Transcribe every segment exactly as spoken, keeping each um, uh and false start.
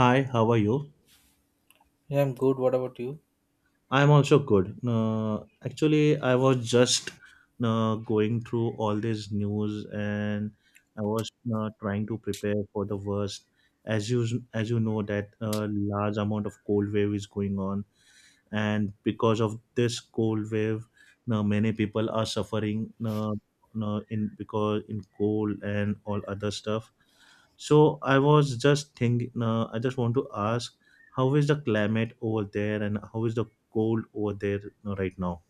Hi, how are you? Yeah, I'm good. What about you? I'm also good. Uh, actually, I was just uh, going through all this news, and I was uh, trying to prepare for the worst. As you as you know, that uh, large amount of cold wave is going on, and because of this cold wave now many people are suffering. Now, now in because in cold and all other stuff, so I was just thinking, uh, I just want to ask, how is the climate over there, and how is the cold over there uh, right now?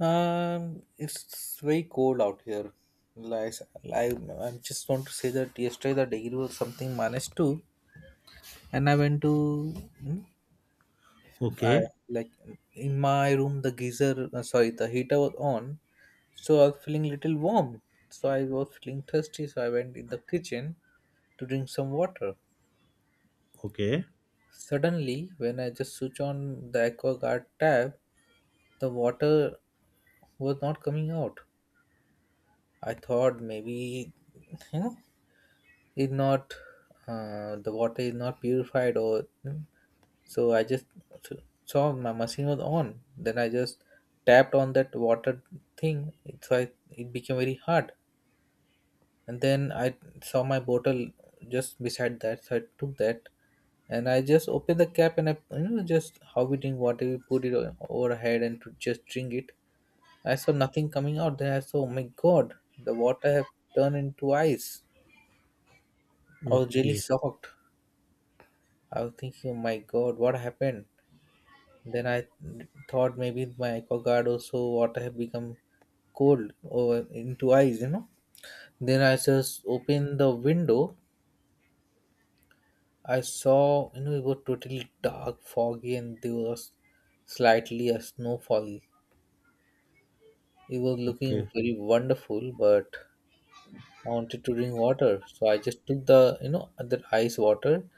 Um, it's very cold out here. Like, I, I just want to say that yesterday the degree was something minus two, and I went to, hmm, I Okay. like in my room the geyser, uh, sorry, the heater was on, so I was feeling little warm. So I was feeling thirsty, so I went in the kitchen to drink some water. Okay. Suddenly, when I just switch on the AquaGuard tab, the water was not coming out. I thought maybe you know it not uh, the water is not purified or so I just saw my machine was on. Then I just tapped on that water thing. It, so I, it became very hard. And then I saw my bottle just beside that. So I took that and I just opened the cap and I, you know, just how we drink water. We put it o- over our head and to just drink it. I saw nothing coming out. Then I saw, oh my god, the water have turned into ice. I was really Okay. shocked. I was thinking, oh my god, what happened? Then I thought maybe my guard also water have become cold over into ice, you know. Then I just opened the window. I saw, you know, it was totally dark, foggy, and there was slightly a snowfall. It was looking Okay. very wonderful, but wanted to drink water. So I just took the, you know, that ice water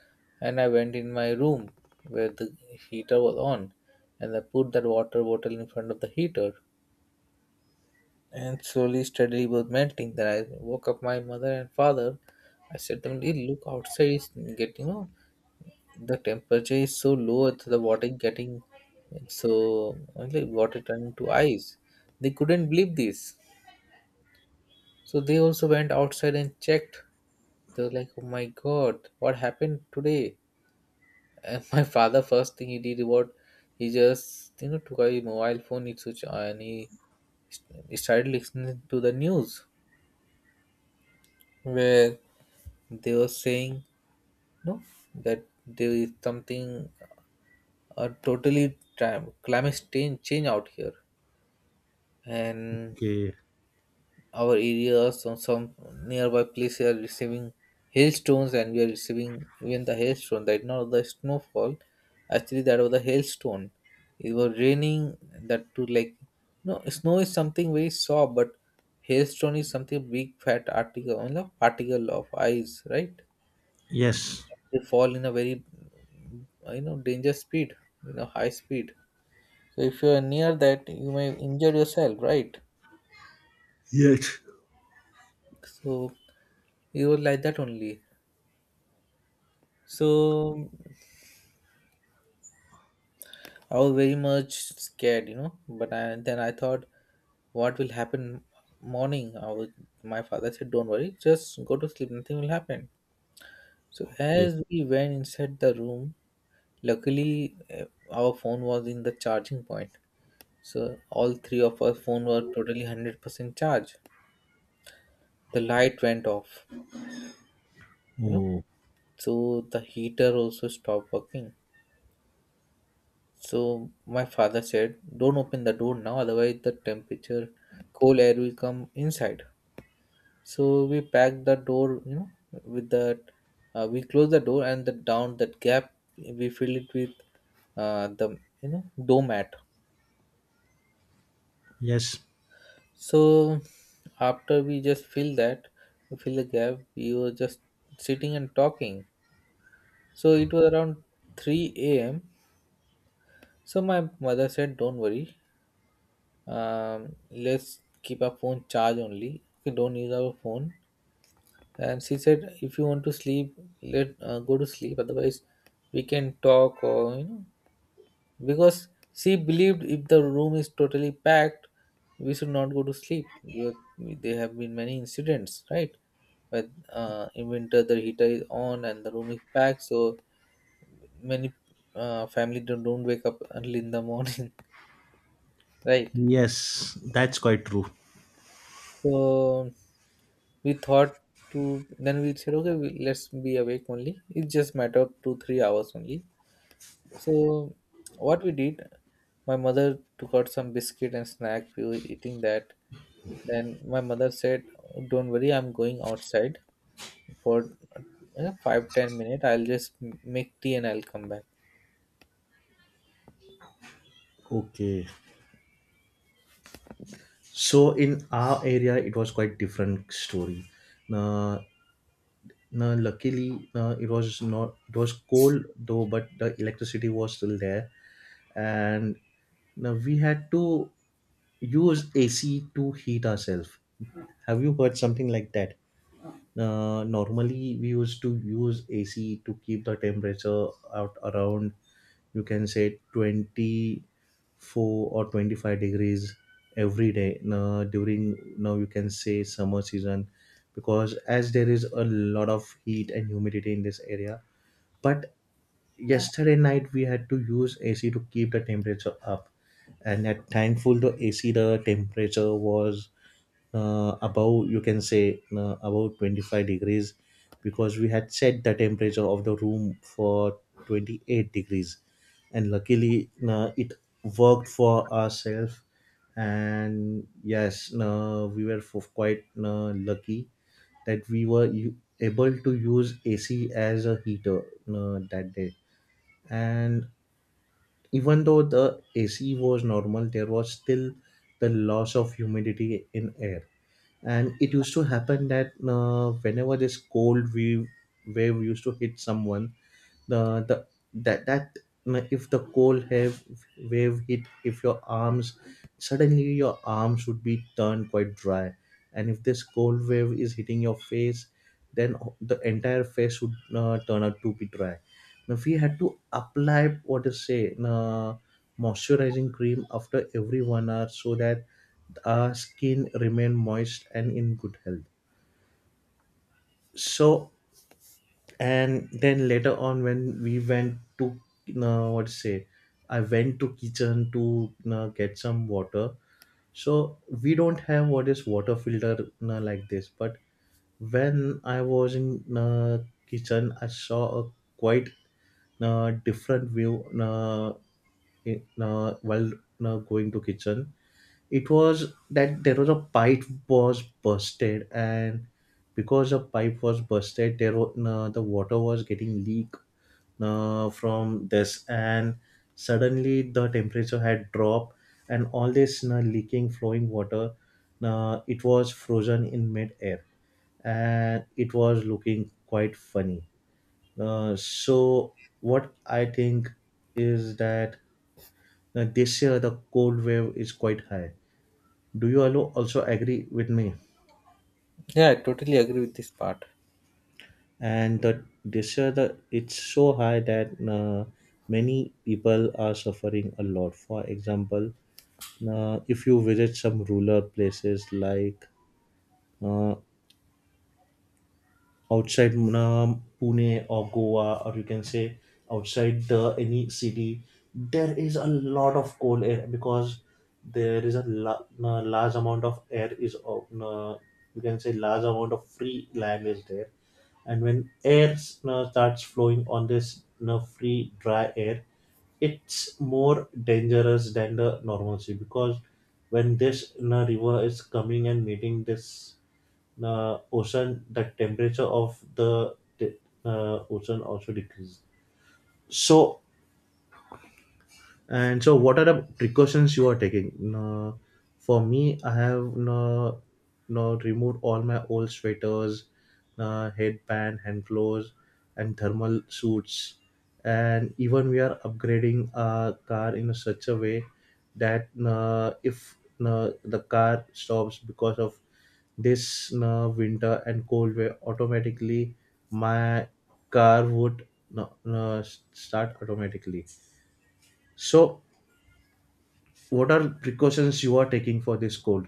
and I went in my room where the heater was on and I put that water bottle in front of the heater and slowly, steadily it was melting. Then I woke up my mother and father. I said to them, "Hey, look outside, it's get, you know, the temperature is so low, it's the water is getting so, like water turning to ice." They couldn't believe this. So they also went outside and checked. They were like, "Oh my God, what happened today?" And my father, first thing he did was he just, you know, took a mobile phone, it switched on, and he st- started listening to the news where they were saying no, that there is something a totally time, climate change change out here and Okay. our areas or some nearby places are receiving hailstones, and we are receiving even the hailstone, that not the snowfall, actually that was the hailstone. It was raining that too, like no, snow is something very soft but hailstone is something big fat article, you know, particle of ice, right? Yes. They fall in a very, you know, danger speed, you know, high speed. So if you are near that you may injure yourself, right? Yes. So it was like that only. So I was very much scared, you know. But I, then I thought, what will happen morning? I was, my father said, don't worry, just go to sleep. Nothing will happen. So Okay. as we went inside the room, luckily eh, our phone was in the charging point. So all three of our phone were totally hundred percent charged. The light went off, you know. Oh. So the heater also stopped working. So my father said, "Don't open the door now, otherwise the temperature, cold air will come inside." So we packed the door, you know, with the uh, we closed the door and the down that gap we filled it with uh, the, you know, doormat. Yes. So after we just fill that, fill the gap, we were just sitting and talking. So it was around three a m. So my mother said, "Don't worry, um, let's keep our phone charge only, okay, don't use our phone." And she said if you want to sleep, let uh, go to sleep, otherwise we can talk or you know, because she believed if the room is totally packed we should not go to sleep because there have been many incidents, right? But uh, in winter the heater is on and the room is packed, so many uh, family don't, don't wake up early in the morning right. Yes, that's quite true. So we thought to, then we said, okay, we, let's be awake only. It's just matter of two three hours only. So what we did, my mother took out some biscuit and snack. We were eating that. Then my mother said, "Don't worry, I'm going outside for uh, five ten minutes. I'll just m- make tea and I'll come back." Okay. So in our area, it was quite different story. Now, now luckily, uh, it was not. It was cold though, but the electricity was still there, and now we had to use A C to heat ourselves. Have you heard something like that? Uh, normally, we used to use A C to keep the temperature out around, you can say, twenty-four or twenty-five degrees every day, now during, now you can say, summer season, because as there is a lot of heat and humidity in this area, but yesterday night we had to use A C to keep the temperature up, and at thankful the A C the temperature was uh, above, you can say, uh, about twenty-five degrees, because we had set the temperature of the room for twenty-eight degrees, and luckily uh, it worked for ourselves, and yes, uh, we were f- quite uh, lucky that we were u- able to use ac as a heater uh, that day. And even though the ac was normal, there was still the loss of humidity in air, and it used to happen that uh, whenever this cold wave wave used to hit someone, the the that that uh, if the cold wave wave hit, if your arms, suddenly your arms would be turned quite dry, and if this cold wave is hitting your face, then the entire face would uh, turn out to be dry. Now we had to apply, what to say, uh, moisturizing cream after every 1 hour, so that our skin remain moist and in good health. So, and then later on when we went to, uh, what to say, I went to kitchen to uh, get some water. So we don't have what is water filter uh, like this, but when I was in uh, kitchen, I saw a quite uh, different view. uh, in, uh, while uh, going to kitchen, it was that there was a pipe was busted, and because the pipe was busted, there wa- no, the water was getting leak uh, from this, and suddenly the temperature had dropped, and all this uh, leaking flowing water, uh, it was frozen in mid-air, and it was looking quite funny. Uh, so what I think is that, uh, this year the cold wave is quite high. Do you allo- also agree with me? Yeah, I totally agree with this part. And the disorder, it's so high that, uh, many people are suffering a lot. For example, uh, if you visit some rural places like, uh, outside uh, Pune or Goa, or you can say outside the any city, there is a lot of cold air, because there is a la- uh, large amount of air is of, uh, you can say, large amount of free land is there, and when air uh, starts flowing on this uh, free dry air, it's more dangerous than the normalcy, because when this, you know, river is coming and meeting this uh, ocean, the temperature of the, uh, ocean also decreases. So, and so, what are the precautions you are taking? No, for me, I have no, no removed all my old sweaters, no, headband, hand gloves, and thermal suits. And even we are upgrading our car in such a way that, no, if, no, the car stops because of this, no, winter and cold way, automatically my car would, no, no, start automatically. So what are precautions you are taking for this cold?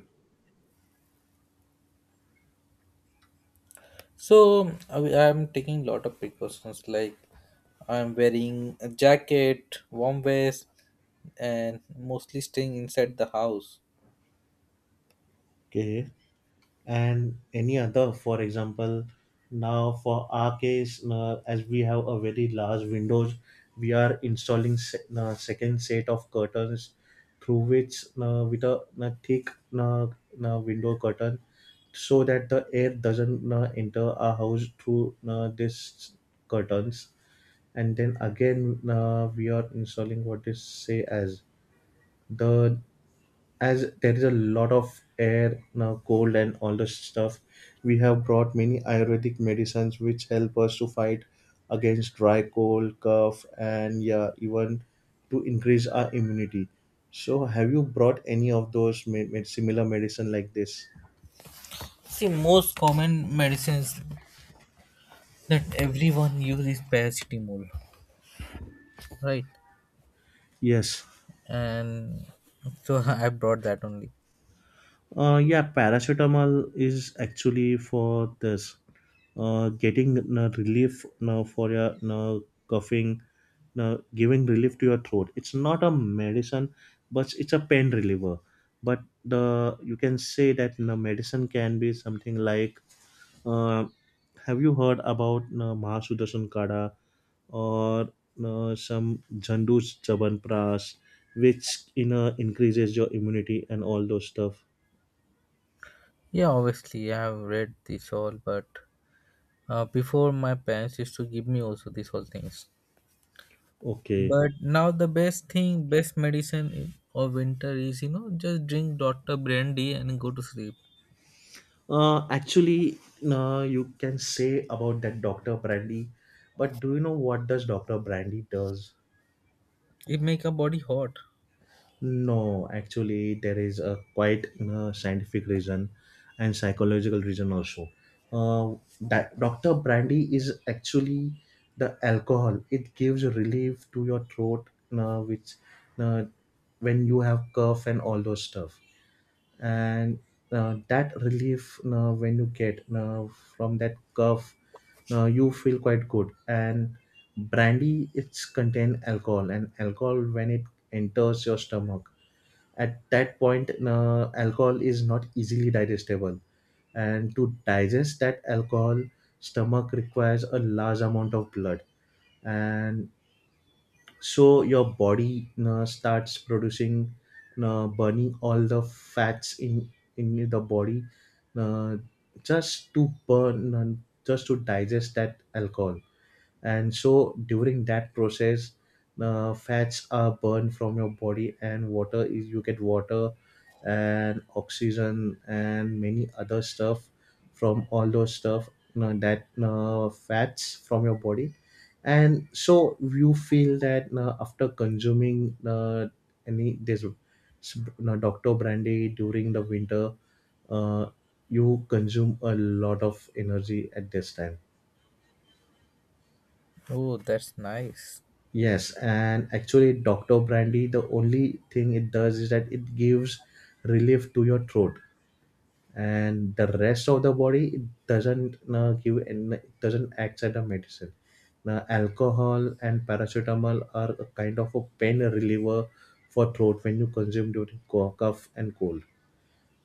So I am taking lot of precautions like I'm wearing a jacket, warm vest, and mostly staying inside the house. Okay. And any other? For example, now for our case, uh, as we have a very large windows, we are installing se- uh, second set of curtains, through which, uh, with a, uh, thick uh, uh, window curtain, so that the air doesn't uh, enter our house through uh, this curtains. And then again, uh, we are installing what is say as, the, as there is a lot of air now cold and all the stuff, we have brought many ayurvedic medicines which help us to fight against dry cold cough, and yeah, even to increase our immunity. So have you brought any of those med- med- similar medicine like this? See, most common medicines that everyone uses is paracetamol, right? Yes. And so I brought that only. Uh, yeah, paracetamol is actually for this, uh, getting uh, relief now for your, now coughing, now giving relief to your throat. It's not a medicine, but it's a pain reliever. But the, you can say that the medicine can be something like. Uh, have you heard about uh, Mahasudasan Kada, or uh, some Jandu's Chabanpras, which, you know, increases your immunity and all those stuff? Yeah, obviously I have read this all, but uh, before my parents used to give me also these all things. Okay. But now the best thing, best medicine i- of winter is you know just drink doctor Brandy and go to sleep. Uh, actually, uh, you can say about that Doctor Brandy, but do you know what does Doctor Brandy does? It make our body hot. No, actually, there is a quite uh, scientific reason and psychological reason also. Uh, that Doctor Brandy is actually the alcohol. It gives relief to your throat, uh, which, uh, when you have cough and all those stuff. And uh, that relief, uh, when you get uh, from that cough, uh, you feel quite good, and brandy it's contain alcohol, and alcohol when it enters your stomach, at that point uh, alcohol is not easily digestible, and to digest that alcohol, stomach requires a large amount of blood, and so your body uh, starts producing, uh, burning all the fats in in the body, uh, just to burn, uh, just to digest that alcohol. And so during that process, uh, fats are burned from your body, and water is, you get water and oxygen and many other stuff, from all those stuff, you know, that uh, fats from your body. And so you feel that, uh, after consuming uh, any this uh, doctor brandy during the winter, uh, you consume a lot of energy at this time. Oh, that's nice. Yes, and actually, Doctor Brandy, the only thing it does is that it gives relief to your throat, and the rest of the body it doesn't uh, give, and it doesn't act as a medicine. Now, alcohol and paracetamol are a kind of a pain reliever for throat when you consume during co- cough and cold.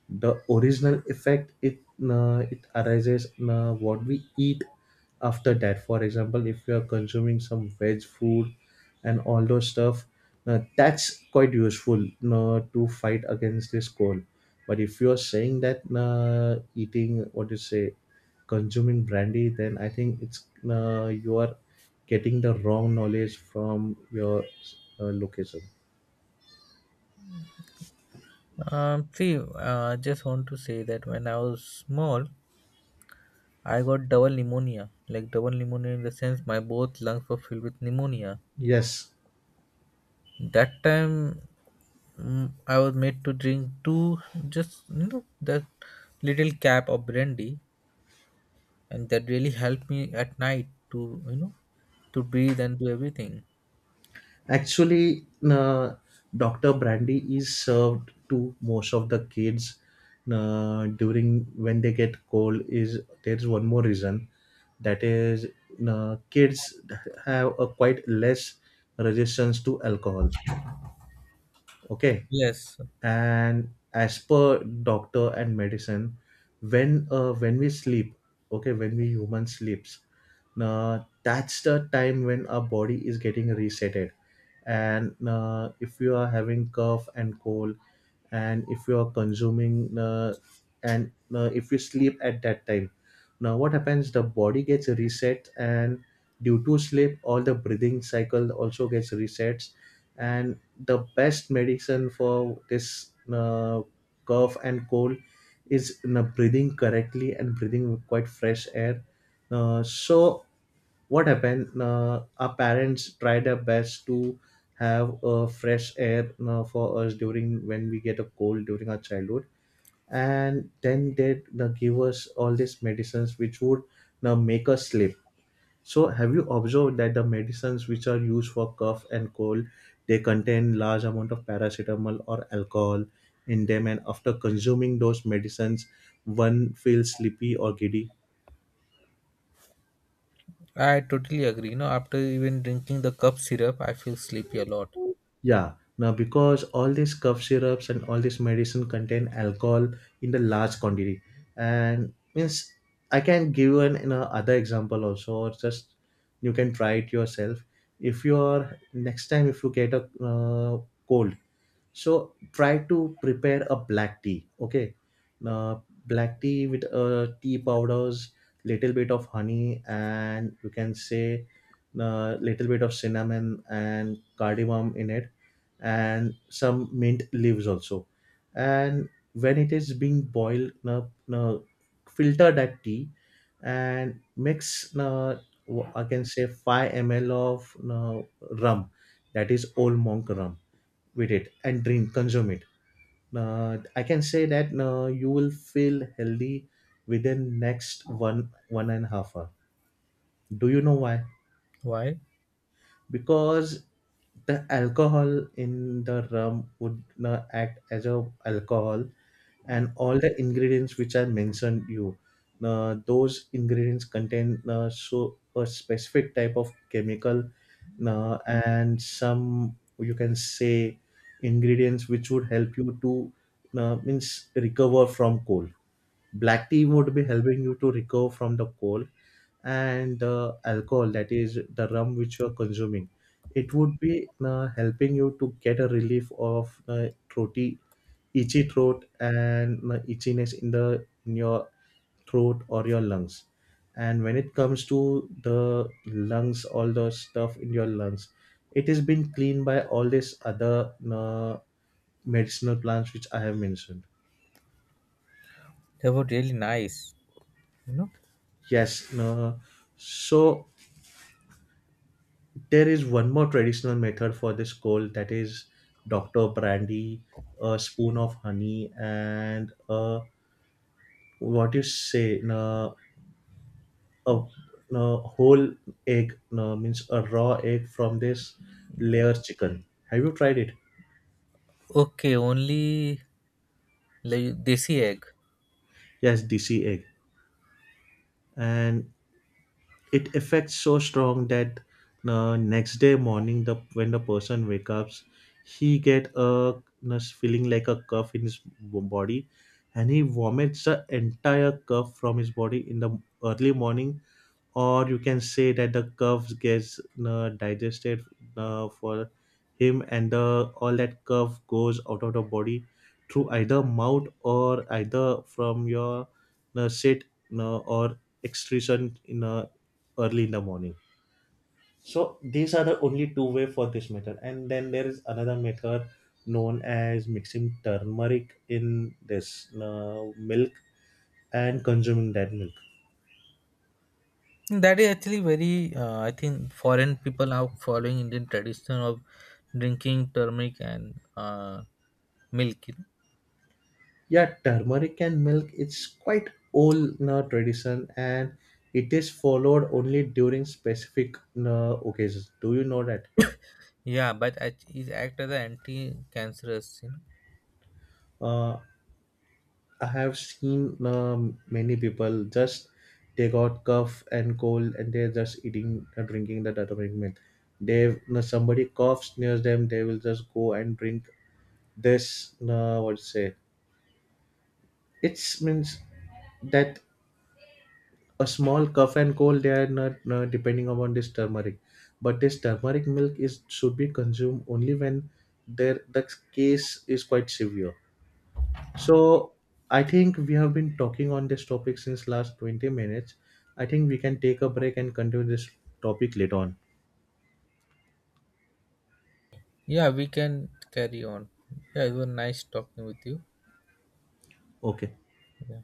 The original effect, it uh, it arises, uh, what we eat after that. For example, if you are consuming some veg food and all those stuff, uh, that's quite useful uh, to fight against this cold. But if you're saying that, uh, eating, what do you say, consuming brandy, then I think it's, uh, you are getting the wrong knowledge from your uh, location. Um, see, uh, I just want to say that when I was small, I got double pneumonia. Like double pneumonia in the sense my both lungs were filled with pneumonia. Yes. That time, mm, I was made to drink two, just you know that, little cap of brandy, and that really helped me at night to, you know, to breathe and do everything. Actually, uh, Doctor Brandy is served to most of the kids uh, during when they get cold. Is there's one more reason, that is, uh, kids have a quite less resistance to alcohol. Okay, Yes, and as per doctor and medicine, when, uh, when we sleep, okay, when we human sleeps, uh, that's the time when our body is getting resetted. And uh, if you are having cough and cold, and if you are consuming uh, and uh, if you sleep at that time, now what happens, the body gets reset, and due to sleep all the breathing cycle also gets resets. And the best medicine for this, uh, cough and cold, is, you know, breathing correctly and breathing with quite fresh air. Uh, so what happened, uh, our parents try their best to have a fresh air uh, for us during when we get a cold during our childhood, and then they uh, give us all these medicines which would uh, make us sleep. So have you observed that the medicines which are used for cough and cold, they contain large amount of paracetamol or alcohol in them, and after consuming those medicines, one feels sleepy or giddy? I totally agree, you know, after even drinking the cup syrup I feel sleepy a lot. Yeah. Now, because all these cough syrups and all this medicine contain alcohol in the large quantity, and means, I can give you an, you know, other example also, or just you can try it yourself. If you are next time, if you get a uh, cold, so try to prepare a black tea, okay? uh, Black tea with uh, tea powders, little bit of honey, and you can say uh, little bit of cinnamon and cardamom in it, and some mint leaves also. And when it is being boiled, uh, uh, filter that tea, and mix uh, wh- I can say five m l of uh, rum, that is old monk rum, with it and drink, consume it. uh, I can say that uh, you will feel healthy within next one one and a half hour. Do you know why? Why? Because the alcohol in the rum would not act as a alcohol, and all the ingredients which I mentioned you, uh, those ingredients contain, uh, so a specific type of chemical, uh, and some, you can say, ingredients which would help you to, uh, means, recover from cold. Black tea would be helping you to recover from the cold, and the alcohol, that is the rum which you are consuming, it would be uh, helping you to get a relief of uh, throaty, itchy throat, and uh, itchiness in the in your throat or your lungs. And when it comes to the lungs, all the stuff in your lungs, it has been cleaned by all these other uh, medicinal plants which I have mentioned. They were really nice, you know. Yes. No. So there is one more traditional method for this cold, that is doctor brandy, a spoon of honey, and uh, what you say, no. A, a whole egg, no, means a raw egg from this layer chicken. Have you tried it? Okay, only like desi egg. Yes, dc egg. And it affects so strong that the next day morning, the when the person wakes up, he get a, you know, feeling like a cough in his b- body, and he vomits the entire cough from his body in the early morning. Or you can say that the curves gets uh, digested uh, for him, and the all that curve goes out of the body through either mouth, or either from your uh, sit, uh, or excretion in uh, early in the morning. So these are the only two way for this method, and then there is another method, known as mixing turmeric in this uh, milk and consuming that milk. That is actually very uh, I think foreign people are following Indian tradition of drinking turmeric and uh, milk, you know. Yeah, turmeric and milk, it's quite old uh, tradition, and it is followed only during specific uh, occasions. Do you know that? Yeah, but act- it act as an anti-cancerous, you know. Uh, I have seen um many people just, they got cough and cold, and they're just eating, uh, drinking the turmeric milk. They uh, somebody coughs near them, they will just go and drink this. Uh, what to say? It means that a small cup and cold, they are not uh, depending upon this turmeric, but this turmeric milk is should be consumed only when there the case is quite severe. So I think we have been talking on this topic since last twenty minutes. I think we can take a break and continue this topic later on. Yeah, we can carry on. Yeah, it was nice talking with you. Okay. Yeah.